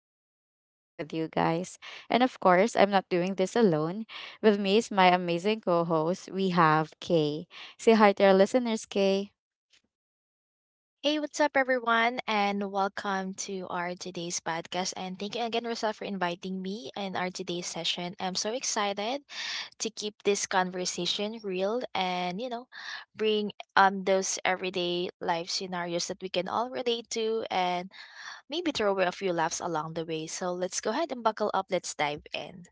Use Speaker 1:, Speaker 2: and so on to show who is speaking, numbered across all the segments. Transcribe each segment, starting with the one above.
Speaker 1: excited to spend time with you guys. And of course, I'm not doing this alone. With me is my amazing co host, we have Kay. Say hi to our listeners, Kay.
Speaker 2: Hey, what's up, everyone, and welcome to our today's podcast. And thank you again, Rosal, for inviting me in our today's session. I'm so excited to keep this conversation real and bring those everyday life scenarios that we can all relate to, and maybe throw away a few laughs along the way. So let's go ahead and buckle up. Let's dive in.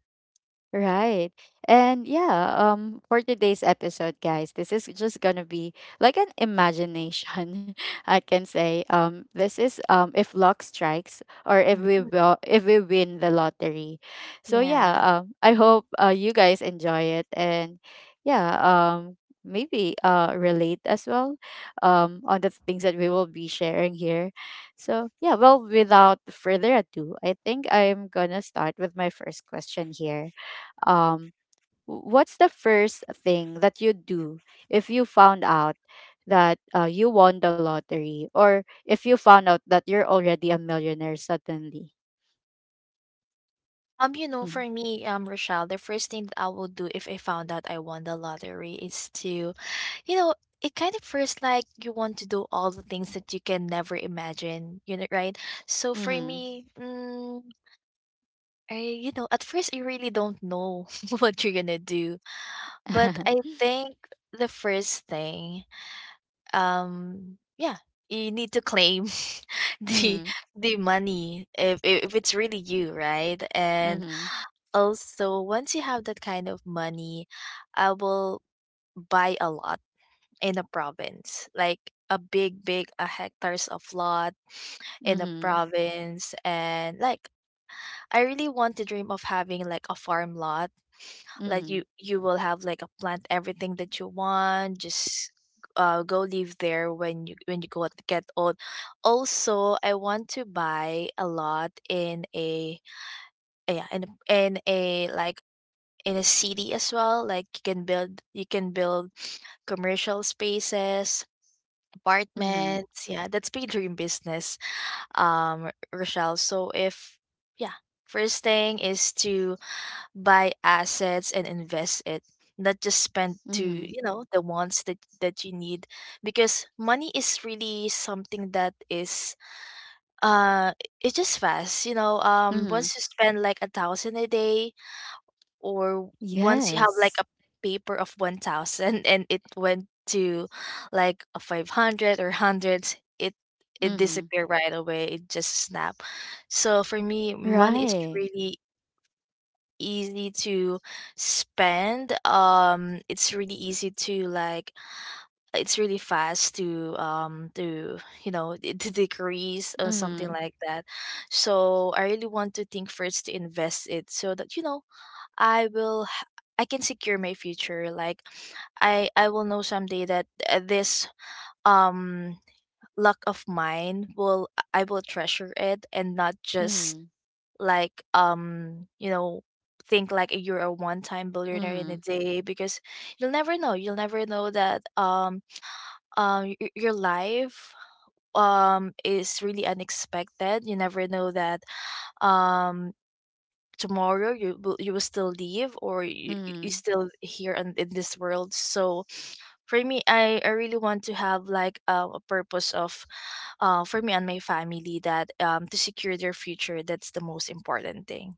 Speaker 1: Right. And yeah, for today's episode, guys, this is just going to be like an imagination, I can say. This is if luck strikes, or
Speaker 2: Mhm.
Speaker 1: if we win the lottery. So yeah,
Speaker 2: Yeah.
Speaker 1: I hope you guys enjoy it, and yeah, maybe relate as well on the things that we will be sharing here. So yeah, well, without further ado, I think I'm going to start with my first question here. um what's the first thing that you'd do if you found out that you won the lottery, or if you found out that you're already a millionaire suddenly?
Speaker 2: You know, for
Speaker 1: Mm.
Speaker 2: me, Rochelle, the first thing that I will do if I found out I won the lottery is to. You know, it kind of feels like you want to do all the things that you can never imagine, you know, right? So for
Speaker 1: Mm-hmm.
Speaker 2: me, I, you know, at first you really don't know what you're gonna do, but I think the first thing, yeah, you need to claim the
Speaker 1: Mm-hmm.
Speaker 2: the money if if it's really you, right? And
Speaker 1: Mm-hmm.
Speaker 2: also once you have that kind of money, I will buy a lot in a province, like a big, big hectares of lot in a
Speaker 1: Mm-hmm.
Speaker 2: province. And like, I really want to dream of having like a farm lot. Like
Speaker 1: Mm-hmm.
Speaker 2: you will have like a plant everything that you want. Just go live there when you go get old. Also, I want to buy a lot in a yeah in a- in a like in a city as well, like you can build, you can build commercial spaces,
Speaker 1: Mm-hmm.
Speaker 2: apartments, yeah, that's my dream business, Rochelle. So if yeah, first thing is to buy assets and invest it, not just spend to,
Speaker 1: Mm-hmm.
Speaker 2: you know, the ones that you need, because money is really something that is, uh it's just fast, you know.
Speaker 1: Mm-hmm.
Speaker 2: Once you spend like a thousand a day, or once you have like
Speaker 1: Yes.
Speaker 2: a paper of 1000 and it went to like a 500 or hundreds, it. It
Speaker 1: Mm-hmm.
Speaker 2: disappeared right away, it just snap. So for me, money is
Speaker 1: Right.
Speaker 2: really easy to spend. It's really easy to like, it's really fast to to, you know, to decrease or something
Speaker 1: Mm-hmm.
Speaker 2: like that. So I really want to think first to invest it so that, you know, I will h- I can secure my future. Like I will know someday that this um luck of mine will, I will treasure it and not just
Speaker 1: Mm-hmm.
Speaker 2: like, you know, think like you're a one-time billionaire in a
Speaker 1: Mm-hmm.
Speaker 2: day, because you'll never know, you'll never know that your life is really unexpected. You never know that um tomorrow you will, you will still leave, or you
Speaker 1: Mm-hmm.
Speaker 2: still here and in this world. So for me, I really want to have like a purpose of for me and my family, that to secure their future. That's the most important thing.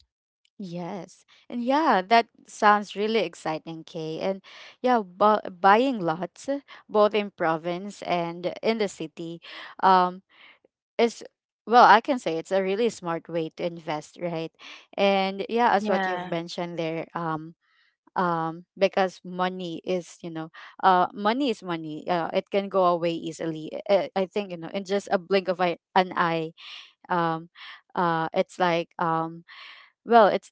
Speaker 1: Yes. And yeah, that sounds really exciting, Kay. And yeah, bu buying lots, both in province and in the city, um, is, well, I can say it's a really smart way to invest, right? And yeah, as what you've
Speaker 2: Yeah.
Speaker 1: mentioned there, because money is, you know, money. It can go away easily. I think, you know, in just a blink of eye, an eye, um, it's like, well, it's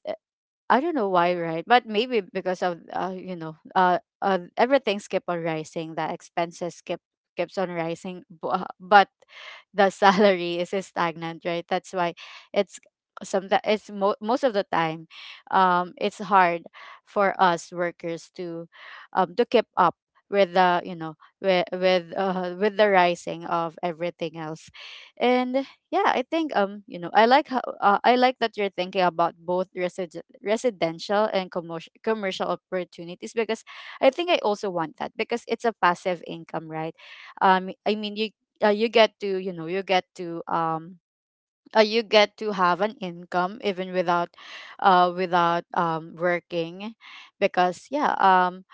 Speaker 1: I don't know why, right? But maybe because of everything's keep on rising. The expenses keeps on rising, but the salary is stagnant, right? That's why, it's sometimes, it's most of the time, it's hard for us workers to keep up with the with the rising of everything else, and yeah, I think, you know, I like that you're thinking about both residential and commercial opportunities, because I think I also want that because it's a passive income, right? I mean, you get to, you get to you get to have an income even without without working, because yeah, um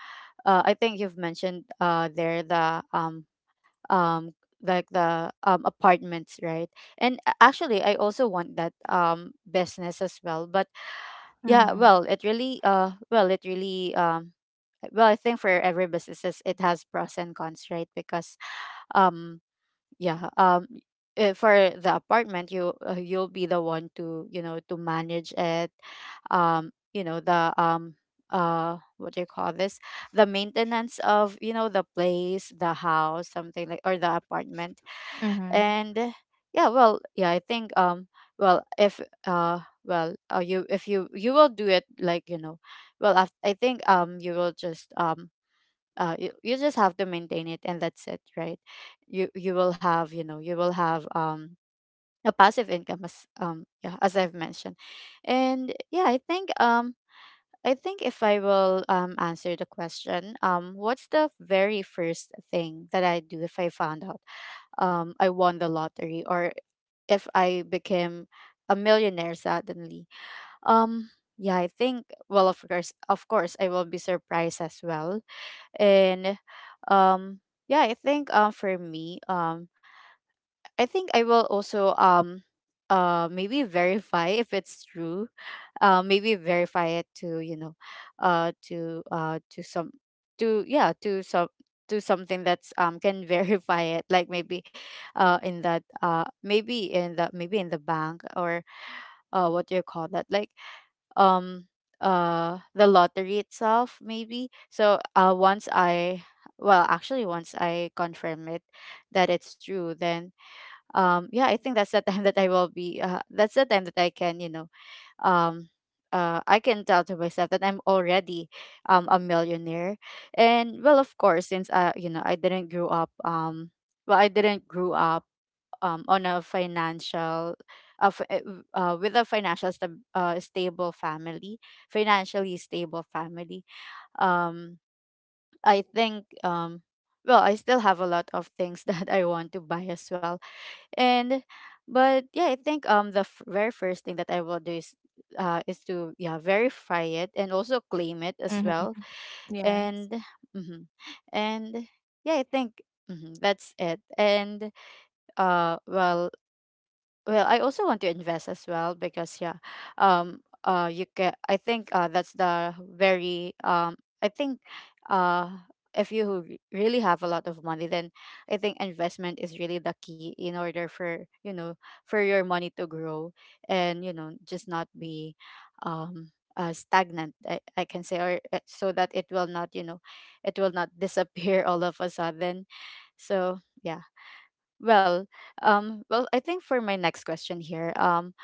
Speaker 1: uh, I think you've mentioned there the um like the apartments, right? And actually I also want that business as well, but yeah,
Speaker 2: Mm-hmm.
Speaker 1: well, it really well it really well, I think for every businesses, it has pros and cons, right, because um yeah, for the apartment, you'll be the one to, to manage it, you know, the what do you call this, the maintenance of, you know, the place, the house, something like, or the apartment.
Speaker 2: Mm-hmm.
Speaker 1: And yeah, well, yeah, I think well, if you will do it, like, you know, well, I think you will just you just have to maintain it, and that's it, right? You will have, you know, you will have a passive income, as yeah, as I've mentioned. And yeah, I think if I will answer the question, what's the very first thing that I do if I found out I won the lottery, or if I became a millionaire suddenly. um yeah, I think, well, of course, of course, I will be surprised as well. And um yeah, I think, for me, I think I will also maybe verify if it's true. Maybe verify it to, you know, to some, to yeah, to some, to something that's can verify it, like, maybe in that, maybe in the, maybe in the bank, or what do you call that, like, um the lottery itself, maybe. So once I, well, actually, once I confirm it, that it's true, then yeah, I think that's the time that I will be that's the time that I can, you know, um I can tell to myself that I'm already a millionaire. And well, of course, since I, you know, I didn't grow up, on a financial, f- w- with a financial stab stable family, financially stable family. Um, I think, well, I still have a lot of things that I want to buy as well, and but yeah, I think the very first thing that I will do is to, yeah, verify it, and also claim it as
Speaker 2: Mm-hmm.
Speaker 1: well.
Speaker 2: Yes.
Speaker 1: And. Mhm. And yeah, I think. Mhm, that's it. And well, well, I also want to invest as well, because yeah, you can. I think that's the very I think, uh, if you really have a lot of money, then I think investment is really the key in order for, you know, for your money to grow, and, you know, just not be, um. Stagnant, I can say, or so that it will not, you know, it will not disappear all of a sudden, so yeah, well, well, I think for my next question here,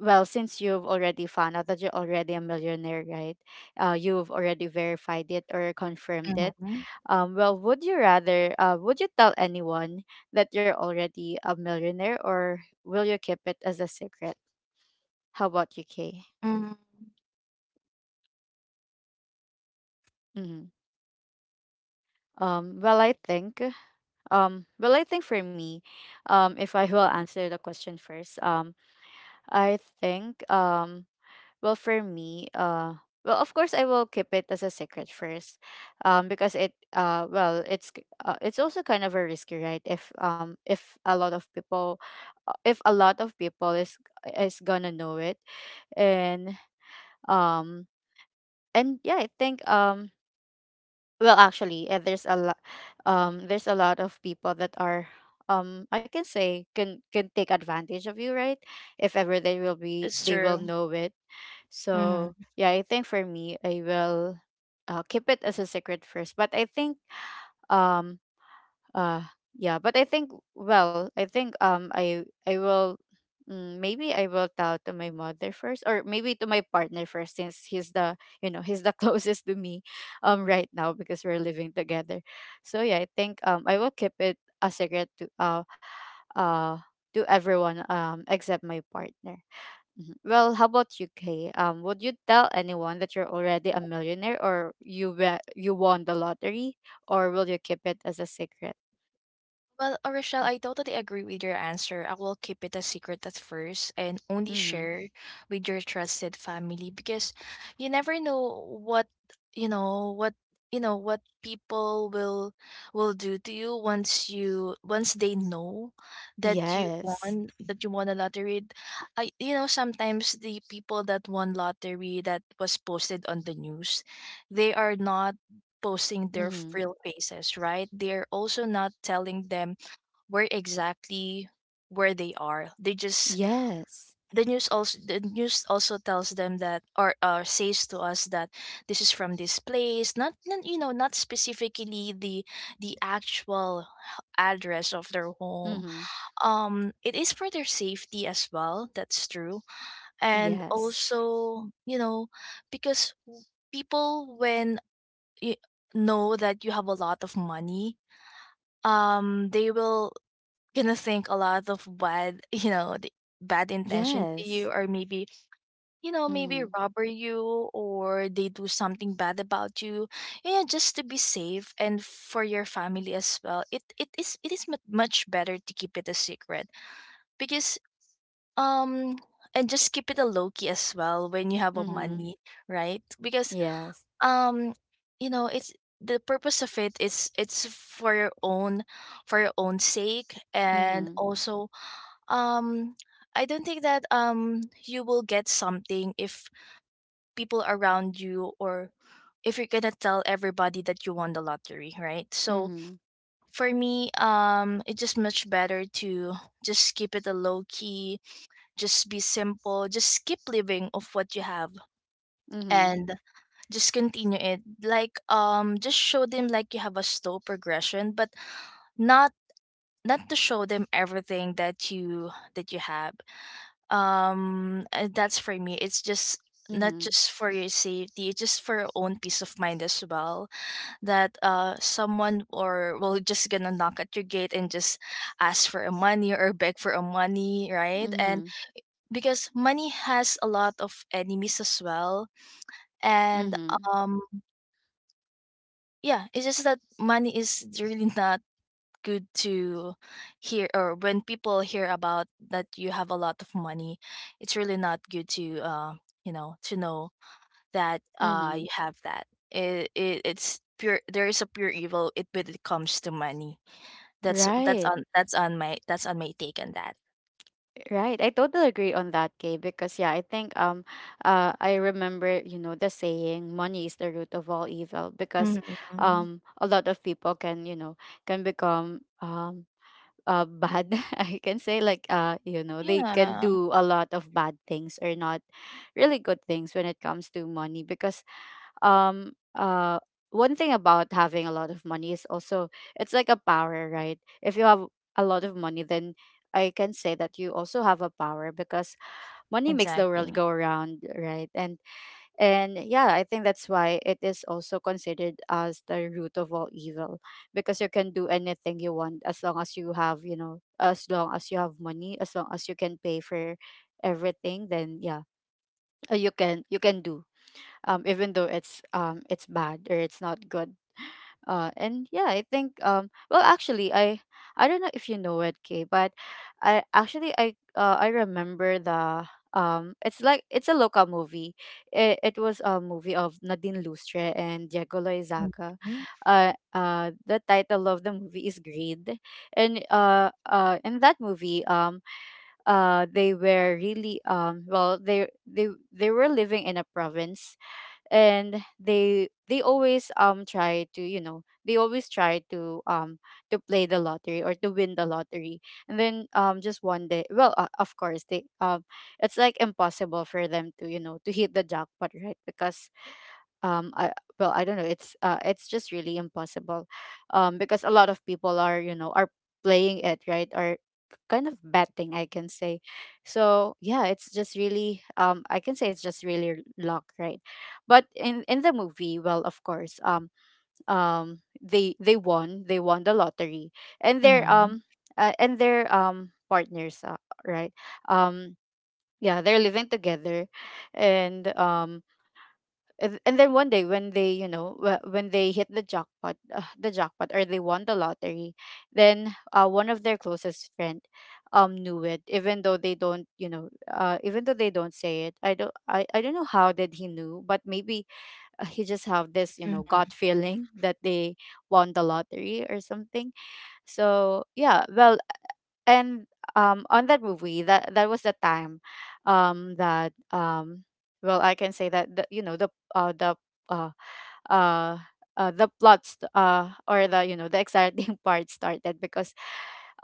Speaker 1: well, since you've already found out that you're already a millionaire, right? You've already verified it or confirmed it.
Speaker 2: Mm-hmm.
Speaker 1: Well, would you tell anyone that you're already a millionaire, or will you keep it as a secret? How about you, Kay?
Speaker 2: Mm-hmm.
Speaker 1: Mm-hmm. Well, I think, well, I think for me, if I will answer the question first, I think, um. Well, for me, well, of course, I will keep it as a secret first, because it, well, it's k- it's also kind of a risky, right? If a lot of people, if a lot of people is gonna know it, and um, and yeah, I think, well, actually, there's a lot of people that are. I can say can take advantage of you, right? If ever
Speaker 2: It's
Speaker 1: they will
Speaker 2: true.
Speaker 1: know it, so
Speaker 2: Mm-hmm.
Speaker 1: yeah, I think for me, I will keep it as a secret first. Um uh yeah, but I think, well, I think, I will, mm, maybe I will tell to my mother first, or maybe to my partner first, since he's the, you know, he's the closest to me right now, because we're living together. So yeah, I think I will keep it a secret uh to everyone, except my partner. Mhm. Well, how about you, Kay? Would you tell anyone that you're already a millionaire, or you won the lottery, or will you keep it as a secret?
Speaker 2: Well, Rochelle, I totally agree with your answer. I will keep it a secret at first and only
Speaker 1: Mm-hmm.
Speaker 2: share with your trusted family, because you never know what, you know what you know what people will do to you once you, once they know that you
Speaker 1: Yes.
Speaker 2: won, that you won a lottery. I, you know, sometimes the people that won lottery that was posted on the news, they are not posting their
Speaker 1: Mm-hmm.
Speaker 2: real faces, right? They're also not telling them where exactly, where they are. They just,
Speaker 1: Yes.
Speaker 2: the news also, the news also tells them that, or says to us that this is from this place. Not, not, you know, not specifically the actual address of their home.
Speaker 1: Mm-hmm.
Speaker 2: It is for their safety as well. That's true, and
Speaker 1: Yes.
Speaker 2: also, you know, because people, when you know that you have a lot of money, they will gonna think a lot of bad, you know, the bad intention to you,
Speaker 1: Yes.
Speaker 2: or maybe, you know, maybe
Speaker 1: Mm-hmm.
Speaker 2: robber you, or they do something bad about you. Yeah, just to be safe and for your family as well. It is much better to keep it a secret, because um and just keep it a low key as well when you have a
Speaker 1: Mm-hmm.
Speaker 2: money, right? Because
Speaker 1: Yes.
Speaker 2: um you know, it's, the purpose of it is, it's for your own, for your own sake, and
Speaker 1: Mm-hmm.
Speaker 2: also, um I don't think that you will get something if people around you, or if you're gonna tell everybody that you won the lottery, right? So
Speaker 1: Mm-hmm.
Speaker 2: for me, it's just much better to just keep it a low key, just be simple, just keep living of what you have and just continue it. Like, just show them like you have a slow progression, but not, not to show them everything that you have. That's, for me, it's just not
Speaker 1: Mm-hmm.
Speaker 2: just for your safety, it's just for your own peace of mind as well, that someone or will just gonna knock at your gate and just ask for a money or beg for a money, right? And
Speaker 1: Mm-hmm.
Speaker 2: because money has a lot of enemies as well, and
Speaker 1: Mm-hmm.
Speaker 2: um yeah, it's just that money is really not good to hear, or when people hear about that you have a lot of money, it's really not good to, you know, to know that
Speaker 1: Mm-hmm.
Speaker 2: you have that, it's pure, there is a pure evil it when it comes to money. that's that's
Speaker 1: Right.
Speaker 2: on that's on my that's on my take on that.
Speaker 1: Right. I totally agree on that, Kay, because yeah, I think I remember, you know, the saying money is the root of all evil, because
Speaker 2: Hmm.
Speaker 1: a lot of people can, you know, can become bad. I can say, like, you know, they can
Speaker 2: Yeah,
Speaker 1: do a lot of bad things, or not really good things when it comes to money, because um uh one thing about having a lot of money is also, it's like a power, right? If you have a lot of money, then I can say that you also have a power, because money makes the world
Speaker 2: exactly.
Speaker 1: go around, right? And yeah, I think that's why it is also considered as the root of all evil, because you can do anything you want as long as you have, you know, as long as you have money, as long as you can pay for everything, then yeah, you can do, even though it's, it's bad, or it's not good. And yeah, I think, well, actually, I don't know if you know it, Kay, but I actually I remember the it's like, it's a local movie. It was a movie of Nadine Lustre and Diego Loizaga.
Speaker 2: Mm-hmm.
Speaker 1: The title of the movie is Greed, and in that movie, they were really they they were living in a province, and they always try to they always try to play the lottery or to win the lottery. And then just one day, well, of course they, it's like impossible for them to, to hit the jackpot, right? Because um i I don't know, it's just really impossible, because a lot of people are, you know, are playing it, right? Are kind of betting, I can say. So yeah, it's just really, I can say it's just really luck, right? But in the movie, well, of course, they won the lottery. And their,
Speaker 2: Mm-hmm.
Speaker 1: and their partners, right? um yeah, they're living together. And and then one day when they, you know, when they hit the jackpot, or they won the lottery, then one of their closest friend knew it, even though they don't, you know, even though they don't say it. I don't, I don't know how did he knew, but maybe he just have this, you know, gut feeling that they won the lottery or something. So yeah, well, and on that movie, that was the time that well, I can say that the, you know, the uh the uh uh, the plots, or the, you know, the exciting part started because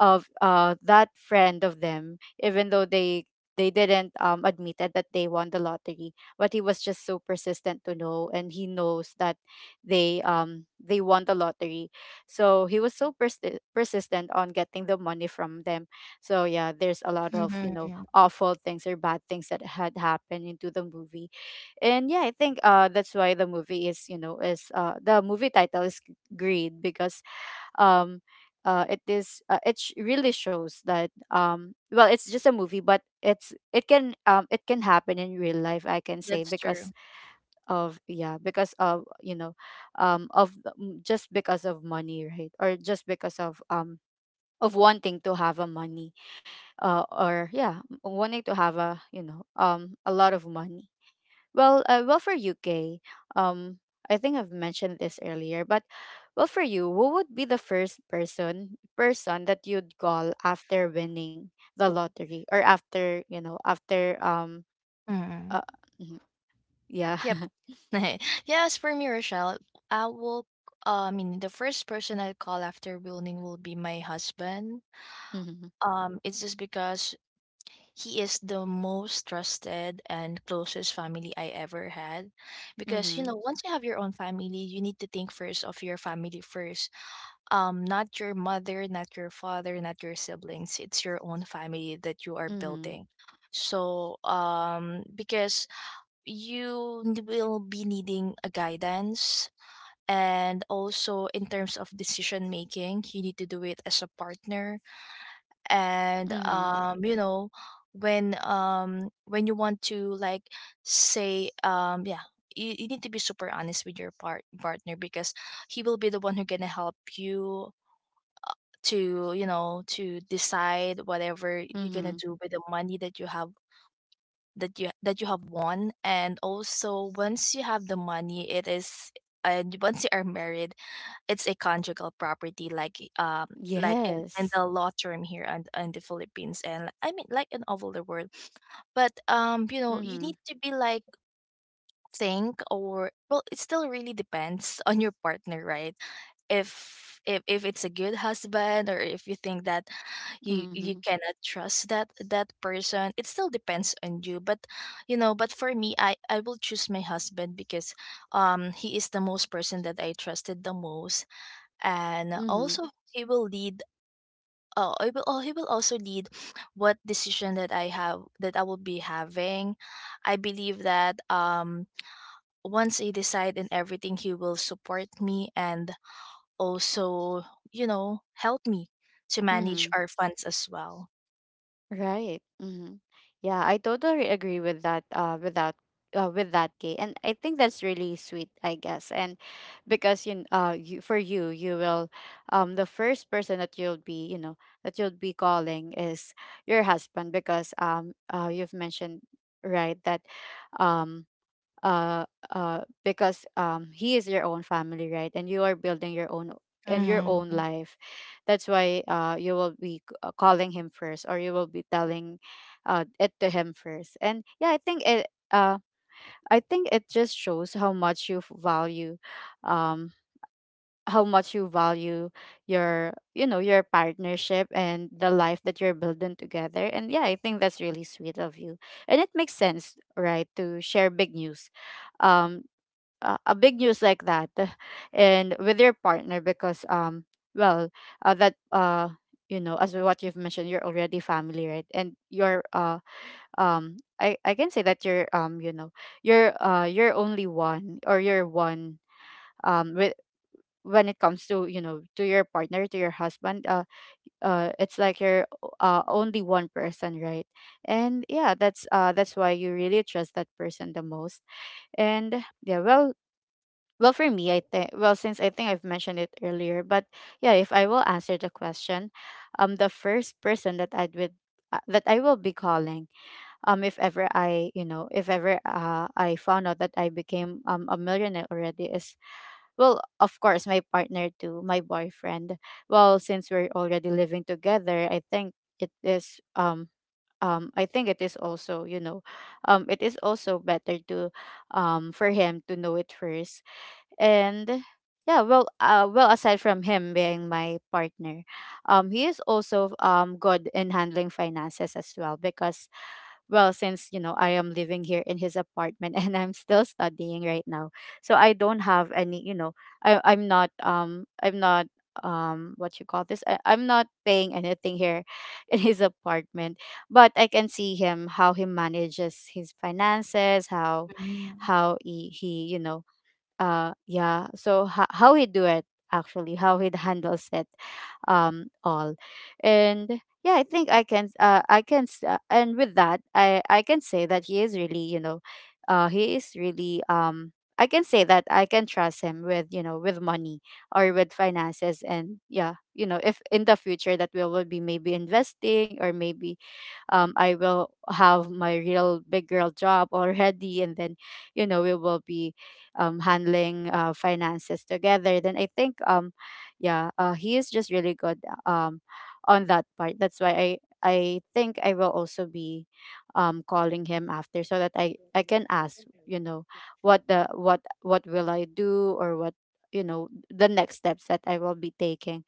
Speaker 1: of that friend of them, even though they didn't admitted that they won the lottery, but he was just so persistent to know, and he knows that they won the lottery. So he was so persistent on getting the money from them. So yeah, there's a lot of, you know, awful things or bad things that had happened into the movie. And yeah, I think that's why the movie is, you know, is the movie title is Greed, because um it is really shows that, well, it's just a movie, but it can, it can happen in real life, I can say,
Speaker 2: That's
Speaker 1: because
Speaker 2: true.
Speaker 1: of, yeah, because of, you know, just because of money, right? Or just because of, of wanting to have a money, or yeah, wanting to have a, you know, a lot of money. Well, well, for UK, um I think I've mentioned this earlier, but, well, for you, who would be the first person that you'd call after winning the lottery or after, you know, after
Speaker 2: Mm-hmm.
Speaker 1: uh, mhm, yeah?
Speaker 2: Yep. Yes, for me, Rochelle, I will. I mean, the first person I call after building will be my husband.
Speaker 1: Mhm.
Speaker 2: It's just because he is the most trusted and closest family I ever had. Because, you know,
Speaker 1: Mhm.
Speaker 2: once you have your own family, you need to think first of your family first. Not your mother, not your father, not your siblings. It's your own family that you are
Speaker 1: Mhm.
Speaker 2: building. So, because you will be needing a guidance, and also in terms of decision making, you need to do it as a partner. And
Speaker 1: Mhm.
Speaker 2: you know, when you want to like say, yeah, you need to be super honest with your partner, because he will be the one who gonna help you to, you know, to decide whatever you're gonna
Speaker 1: Mhm.
Speaker 2: do with the money that you have, that you have won. And also, once you have the money, it is, and once you are married, it's a conjugal property, like, like in
Speaker 1: Yes.
Speaker 2: the law term here and in the Philippines, and I mean, like, in all over the world. But you know, you need
Speaker 1: Mhm.
Speaker 2: to be like think, or well, it still really depends on your partner, right? If if it's a good husband, or if you think that you
Speaker 1: Mhm.
Speaker 2: cannot trust that person, it still depends on you. But you know, but for me, I will choose my husband because he is the most person that I trusted the most. And
Speaker 1: Mhm.
Speaker 2: also he will lead, he will also lead what decision that I have, that I will be having. I believe that once I decide in everything, he will support me, and also, you know, help me to manage
Speaker 1: Mhm.
Speaker 2: our funds as well.
Speaker 1: Right. Mhm. Yeah, I totally agree with that. Without, With that, Kay, and I think that's really sweet, I guess. And because you, you, for you, you will, the first person that you'll be, you know, that you'll be calling is your husband, because, you've mentioned, right, that, um, uh because he is your own family, right? And you are building your own, and your own
Speaker 2: Mm-hmm.
Speaker 1: life. That's why you will be calling him first, or you will be telling it to him first. And yeah, I think it, I think it just shows how much you value, um how much you value your, you know, your partnership and the life that you're building together. And yeah, I think that's really sweet of you. And it makes sense, right, to share big news, um a big news like that, and with your partner, because, well that you know, as what you've mentioned, you're already family, right? And you're I can say that you're, you know, you're only one, or you're one, with, when it comes to, you know, to your partner, to your husband. It's like you're only one person, right? And yeah, that's why you really trust that person the most. And yeah, well, well, for me, I think, well, since I think I've mentioned it earlier, but yeah, if I will answer the question, the first person that I'd with that I will be calling, if ever I, you know, if ever I found out that I became a millionaire already, is, well, of course, my partner too, my boyfriend. Well, since we're already living together, I think it is I think it is also, you know, it is also better to, for him to know it first. And yeah, well, well, aside from him being my partner, he is also good in handling finances as well, because, well, since, you know, I am living here in his apartment and I'm still studying right now, so I don't have any, you know, I'm not, I'm not, what you call this, I'm not paying anything here in his apartment. But I can see him how he manages his finances, how he you know, yeah, so how he do it, actually how he handles it all. And yeah, I think I can I can and with that, I can say that he is really, you know, he is really, I can say that I can trust him with, you know, with money or with finances. And yeah, you know, if in the future that we will be maybe investing, or maybe I will have my real big girl job already, and then, you know, we will be handling, finances together. Then I think, yeah, he is just really good um on that part. That's why I think I will also be calling him after, so that I can ask, you know, what the what will I do, or what, you know, the next steps that I will be taking,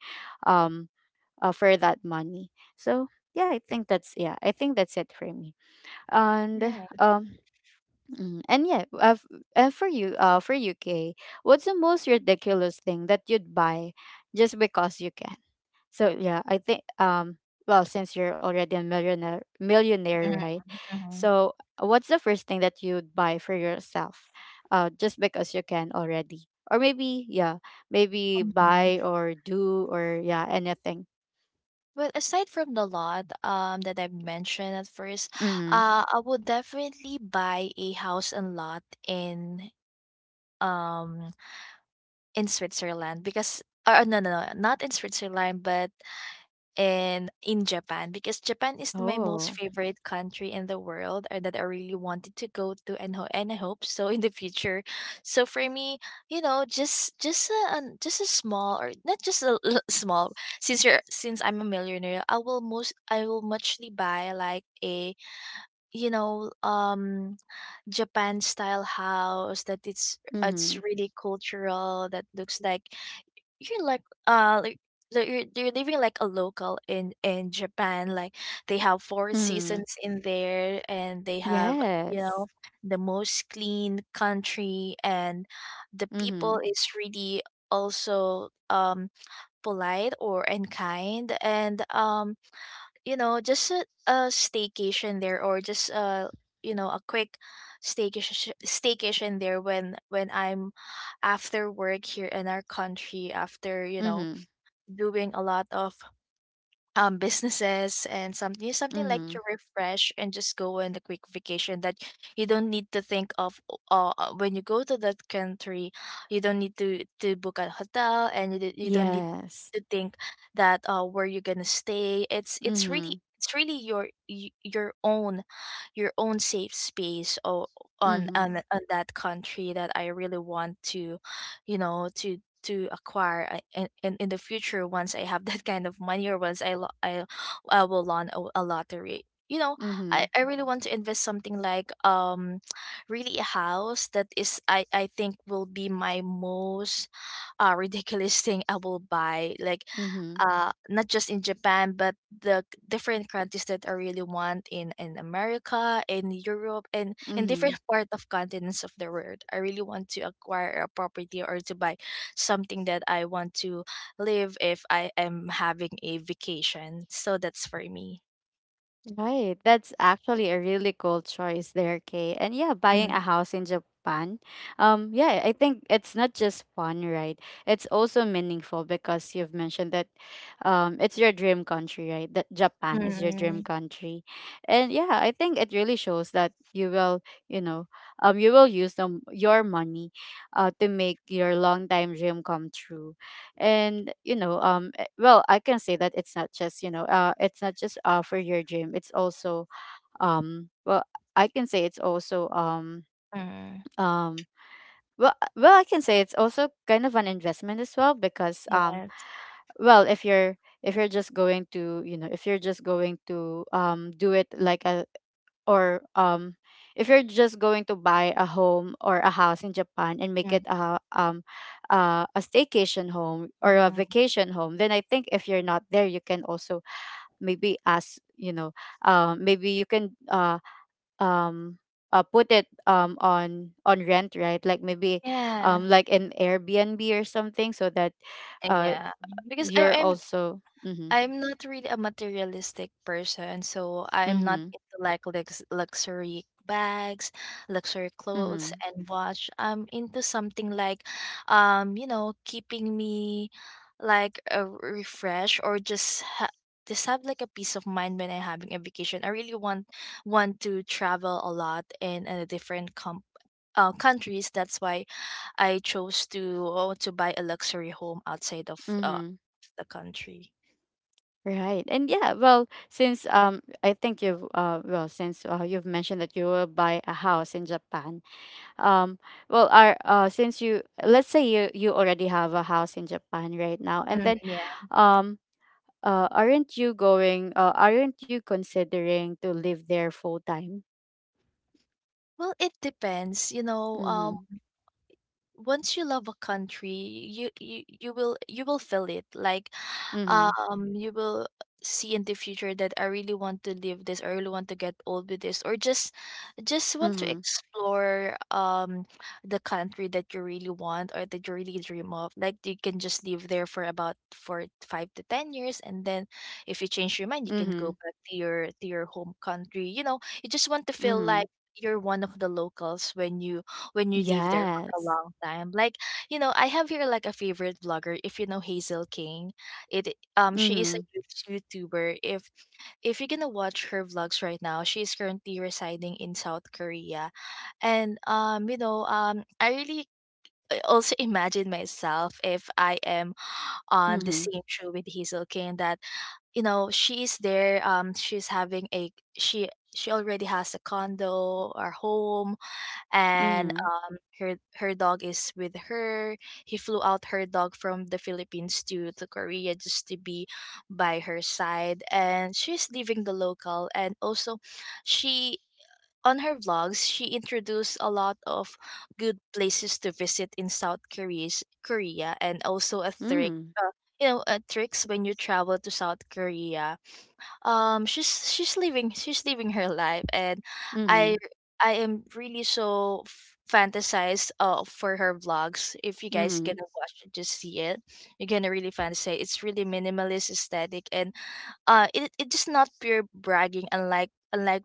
Speaker 1: um for that money. So yeah, I think that's, yeah, I think that's it for me. And
Speaker 2: Right.
Speaker 1: and yeah, for you, for UK, what's the most ridiculous thing that you'd buy just because you can? So yeah, I think, well, since you're already a millionaire,
Speaker 2: Mm-hmm.
Speaker 1: right?
Speaker 2: Hmm.
Speaker 1: So what's the first thing that you'd buy for yourself? Just because you can already. Or maybe yeah, maybe
Speaker 2: Mhm.
Speaker 1: buy or do, or yeah, anything.
Speaker 2: Well, aside from the lot that I mentioned at first,
Speaker 1: Mhm.
Speaker 2: I would definitely buy a house and lot in, um Switzerland, because, or no, no, no, not in Switzerland, but in Japan, because Japan is my most
Speaker 1: Oh.
Speaker 2: favorite country in the world, or that I really wanted to go to, and and I hope so in the future. So for me, you know, just just a small or not just a small since I'm a millionaire, I will muchly buy like a you know um Japan style house that it's
Speaker 1: Mhm.
Speaker 2: really cultural that looks like you're uh like like you're living like a local in Japan. Like they have four
Speaker 1: Mhm.
Speaker 2: seasons in there, and they have, you know,
Speaker 1: Yes.
Speaker 2: the most clean country, and the
Speaker 1: Mhm.
Speaker 2: people is really also polite or and kind, and you know, just a staycation there, or just a, you know, a quick staycation there when I'm after work here in our country. After, you know,
Speaker 1: Mhm.
Speaker 2: doing a lot of businesses and something like to
Speaker 1: Mhm.
Speaker 2: refresh and just go on a quick vacation, that you don't need to think of when you go to that country, you don't need to book a hotel, and do you don't need
Speaker 1: Yes.
Speaker 2: to think that where you're gonna stay. It's
Speaker 1: Mhm.
Speaker 2: it's really your your own, your own safe space on
Speaker 1: Mhm.
Speaker 2: on that country that I really want to, you know, to acquire, in, in the future, once I have that kind of money, or once I will launch a lottery. You know,
Speaker 1: Mhm.
Speaker 2: I really want to invest something like really a house that is I think will be my most ridiculous thing I will buy. Like
Speaker 1: Mhm.
Speaker 2: not just in Japan, but different countries that I really want, in America, in Europe, and in different
Speaker 1: Mhm.
Speaker 2: part of continents of the world. I really want to acquire a property, or to buy something that I want to live if I am having a vacation. So that's for me.
Speaker 1: Right. That's actually a really cool choice there, Kay. And yeah, buying
Speaker 2: Mm-hmm.
Speaker 1: a house in Japan. Yeah, I think it's not just fun, right? It's also meaningful because you've mentioned that it's your dream country, right? That Japan is your
Speaker 2: Mm-hmm.
Speaker 1: dream country. And yeah, I think it really shows that you will, you know, you will use them your money to make your long time dream come true. And you know, well, I can say that it's not just, you know, it's not just for your dream, it's also, well, I can say it's also,
Speaker 2: Mm.
Speaker 1: um well, well, I can say it's also kind of an investment as well, because,
Speaker 2: Yes.
Speaker 1: well, if you're, if you're just going to, you know, if you're just going to do it like a, or if you're just going to buy a home or a house in Japan, and make it a, a staycation home or a
Speaker 2: Mm-hmm.
Speaker 1: vacation home, then I think if you're not there, you can also maybe ask, you know, maybe you can, um put it on rent, right? Like, maybe
Speaker 2: Yeah.
Speaker 1: like an Airbnb or something, so that
Speaker 2: And
Speaker 1: uh
Speaker 2: yeah, because
Speaker 1: you're also mm-hmm,
Speaker 2: I'm not really a materialistic person, so I'm not
Speaker 1: mm-hmm,
Speaker 2: into like luxury bags, luxury clothes
Speaker 1: mm-hmm,
Speaker 2: and watch. I'm into something like you know, keeping me like a refresh, or just just have like a peace of mind when I'm having a vacation. I really want to travel a lot in a different countries. That's why I chose to buy a luxury home outside of
Speaker 1: mm-hmm.
Speaker 2: the country.
Speaker 1: Right. And yeah, well, since I think you've well, since you've mentioned that you will buy a house in Japan, um well, our, since you, let's say you, you already have a house in Japan right now, and then,
Speaker 2: Mm.
Speaker 1: um aren't you going, aren't you considering to live there full time?
Speaker 2: Well, it depends. You know,
Speaker 1: Mhm.
Speaker 2: once you love a country, you will you will feel it. Like,
Speaker 1: Mhm.
Speaker 2: you will see in the future that I really want to live this. I really want to get old with this, or just want to
Speaker 1: Mhm.
Speaker 2: explore the country that you really want, or that you really dream of. Like, you can just live there for about for 5 to 10 years, and then if you change your mind, you can go
Speaker 1: Mhm.
Speaker 2: back to your home country. You know, you just want to feel
Speaker 1: Mhm.
Speaker 2: like you're one of the locals when you leave there a
Speaker 1: Yes.
Speaker 2: long time. Like, you know, I have here like a favorite blogger. If you know Hazel King, it she is a
Speaker 1: Mhm.
Speaker 2: huge YouTuber. If you're gonna watch her vlogs right now, she is currently residing in South Korea, and you know I really also imagine myself if I am on the
Speaker 1: Mhm.
Speaker 2: same show with Hazel King. That, you know, she is there. She's having a she. She already has a condo or home, and
Speaker 1: Mhm.
Speaker 2: her dog is with her. He flew out her dog from the Philippines to Korea just to be by her side. And she's leaving the local, and also she on her vlogs, she introduced a lot of good places to visit in South Korea, Korea, and also a trick,
Speaker 1: Mhm.
Speaker 2: you know, tricks when you travel to South Korea. She's living her life. And I I am really so fantasized for her vlogs. If you guys
Speaker 1: Mhm.
Speaker 2: gonna watch it, just see it, you're gonna really fantasize. It's really minimalist aesthetic, and it's just not pure bragging, unlike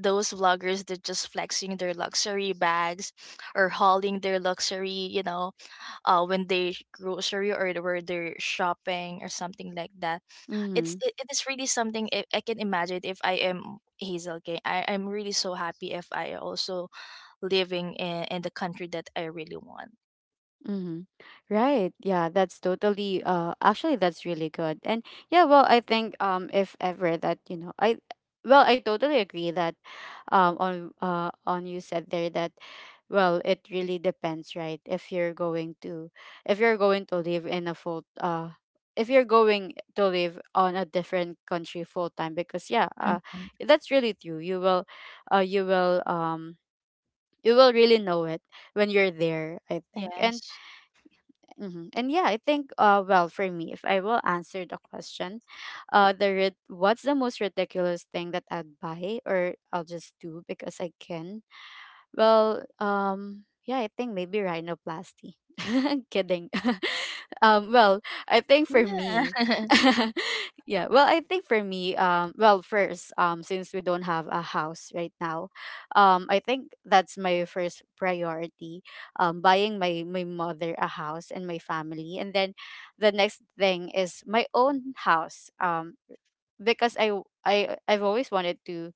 Speaker 2: those vloggers that just flexing their luxury bags, or hauling their luxury, you know, when they grocery, or where they're shopping, or something like that. It's
Speaker 1: Mhm.
Speaker 2: it is really something I can imagine if I am Hazel. Okay, I'm really so happy if I also living in the country that I really want.
Speaker 1: Mm-hmm. Right. Yeah, that's totally actually, that's really good. And yeah, well, I think, if ever that, you know, I, well, I totally agree that on you said there, that, well, it really depends, right? If you're going to, if you're going to live in a full if you're going to live on a different country full time, because yeah,
Speaker 2: Mhm.
Speaker 1: that's really true. You will you will you will really know it when you're there, I think. And
Speaker 2: Yes.
Speaker 1: hmm, and yeah, I think well, for me, if I will answer the question, what's the most ridiculous thing that I'd buy, or I'll just do because I can, well, yeah, I think maybe rhinoplasty. Kidding. Well, I think for me,
Speaker 2: Yeah.
Speaker 1: I think for me, well, first, since we don't have a house right now, I think that's my first priority, buying my mother a house and my family, and then the next thing is my own house, because I've always wanted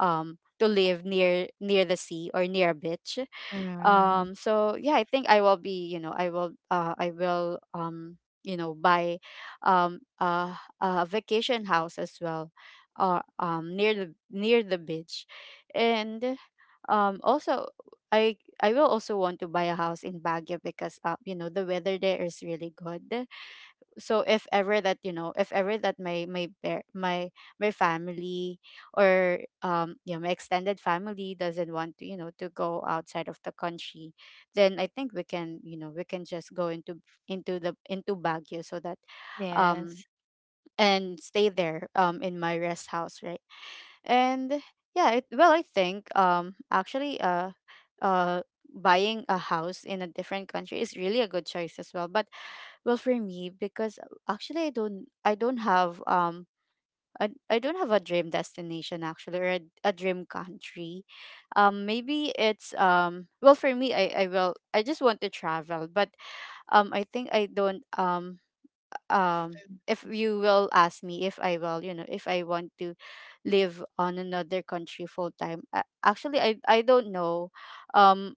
Speaker 1: to live near the sea or near a beach.
Speaker 2: Mm.
Speaker 1: So yeah, I think I will be you know I will you know buy um uh, a vacation house as well, near the beach. And um also i i will also want to buy a house in Baguio, because the weather there is really good. So if ever that you know if ever that my my family, or yeah, my extended family doesn't want to, to go outside of the country, then I think we can, we can just go into Baguio, so that um
Speaker 2: Yes.
Speaker 1: and stay there in my rest house, right? And yeah, well, I think actually uh buying a house in a different country is really a good choice as well. But well, for me, because actually I don't have I don't have a dream destination actually, or a dream country. Maybe it's well for me I just want to travel, but I think I don't um if you will ask me if I will, you know, if I want to live on another country full time, actually I don't know. Um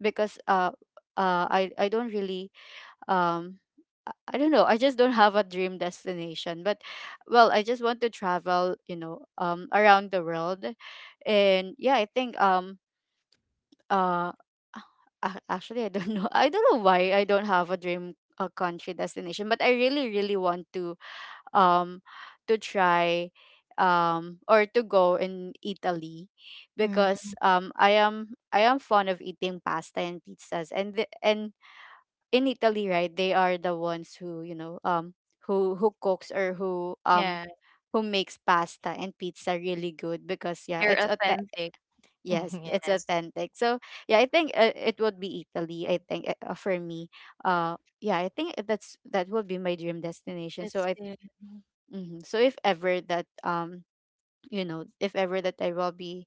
Speaker 1: because I don't really um I don't know. I just don't have a dream destination, but well, I just want to travel, you know, around the world. And yeah, uh actually I don't know. I don't know why I don't have a dream a country destination, but I really really want um to try, or to go in Italy, because
Speaker 2: Mm.
Speaker 1: I am fond of eating pasta and pizzas. And in Italy, right, they are the ones who, you know, who cooks, or
Speaker 2: Yeah.
Speaker 1: who makes pasta and pizza really good, because yeah,
Speaker 2: They're
Speaker 1: it's a —
Speaker 2: authentic.
Speaker 1: yes, it's
Speaker 2: Yes.
Speaker 1: authentic. So yeah, I think it would be Italy. I think for me, yeah, I think that would be my dream destination. So
Speaker 2: That's
Speaker 1: I —
Speaker 2: it.
Speaker 1: mhm. So if ever that you know, if ever that I will be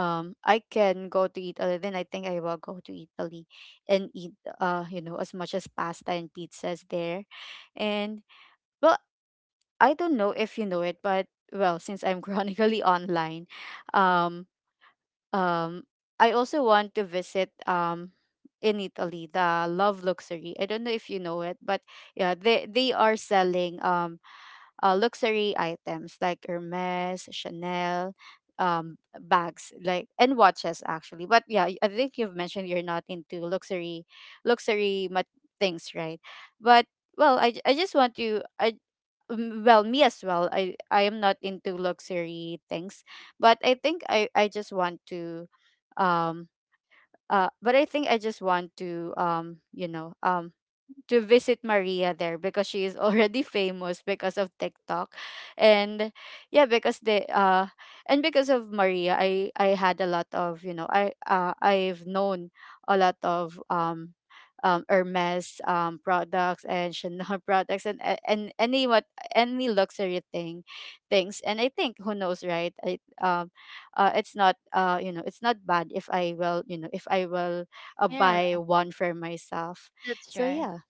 Speaker 1: I can go to Italy, then I think I will go to Italy and eat, you know, as much as pasta and pizzas there. And well, I don't know if you know it, but well, since I'm chronically online, um um I also want to visit in Italy, the Love Luxury. I don't know if you know it, but yeah, they are selling luxury items like Hermes, Chanel, bags like and watches actually. But yeah, I think you've mentioned you're not into luxury things, right? But well, I just want to — I, well, me as well. I am not into luxury things, but I think I just want to um but I think I just want to, you know, to visit Maria there, because she is already famous because of TikTok. And yeah, because they and because of Maria, I had a lot of, you know, I've known a lot of Hermes products and Chanel products, and any what, any luxury things. And I think, who knows, right? I it's not, you know, it's not bad if I will, you know, if I will,
Speaker 2: Yeah.
Speaker 1: buy one for myself.
Speaker 2: That's
Speaker 1: So
Speaker 2: right.
Speaker 1: yeah,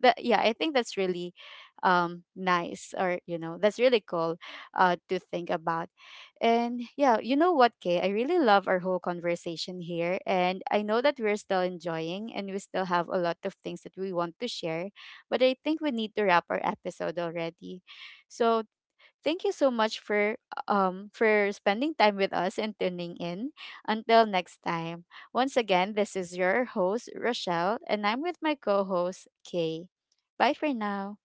Speaker 1: that yeah, I think that's really nice, or you know, that's really cool to think about. And yeah, you know what, Kay, I really love our whole conversation here, and I know that we're still enjoying and we still have a lot of things that we want to share, but I think we need to wrap our episode already. So thank you so much for spending time with us and tuning in. Until next time. Once again, this is your host Rochelle, and I'm with my co-host Kay. Bye for now.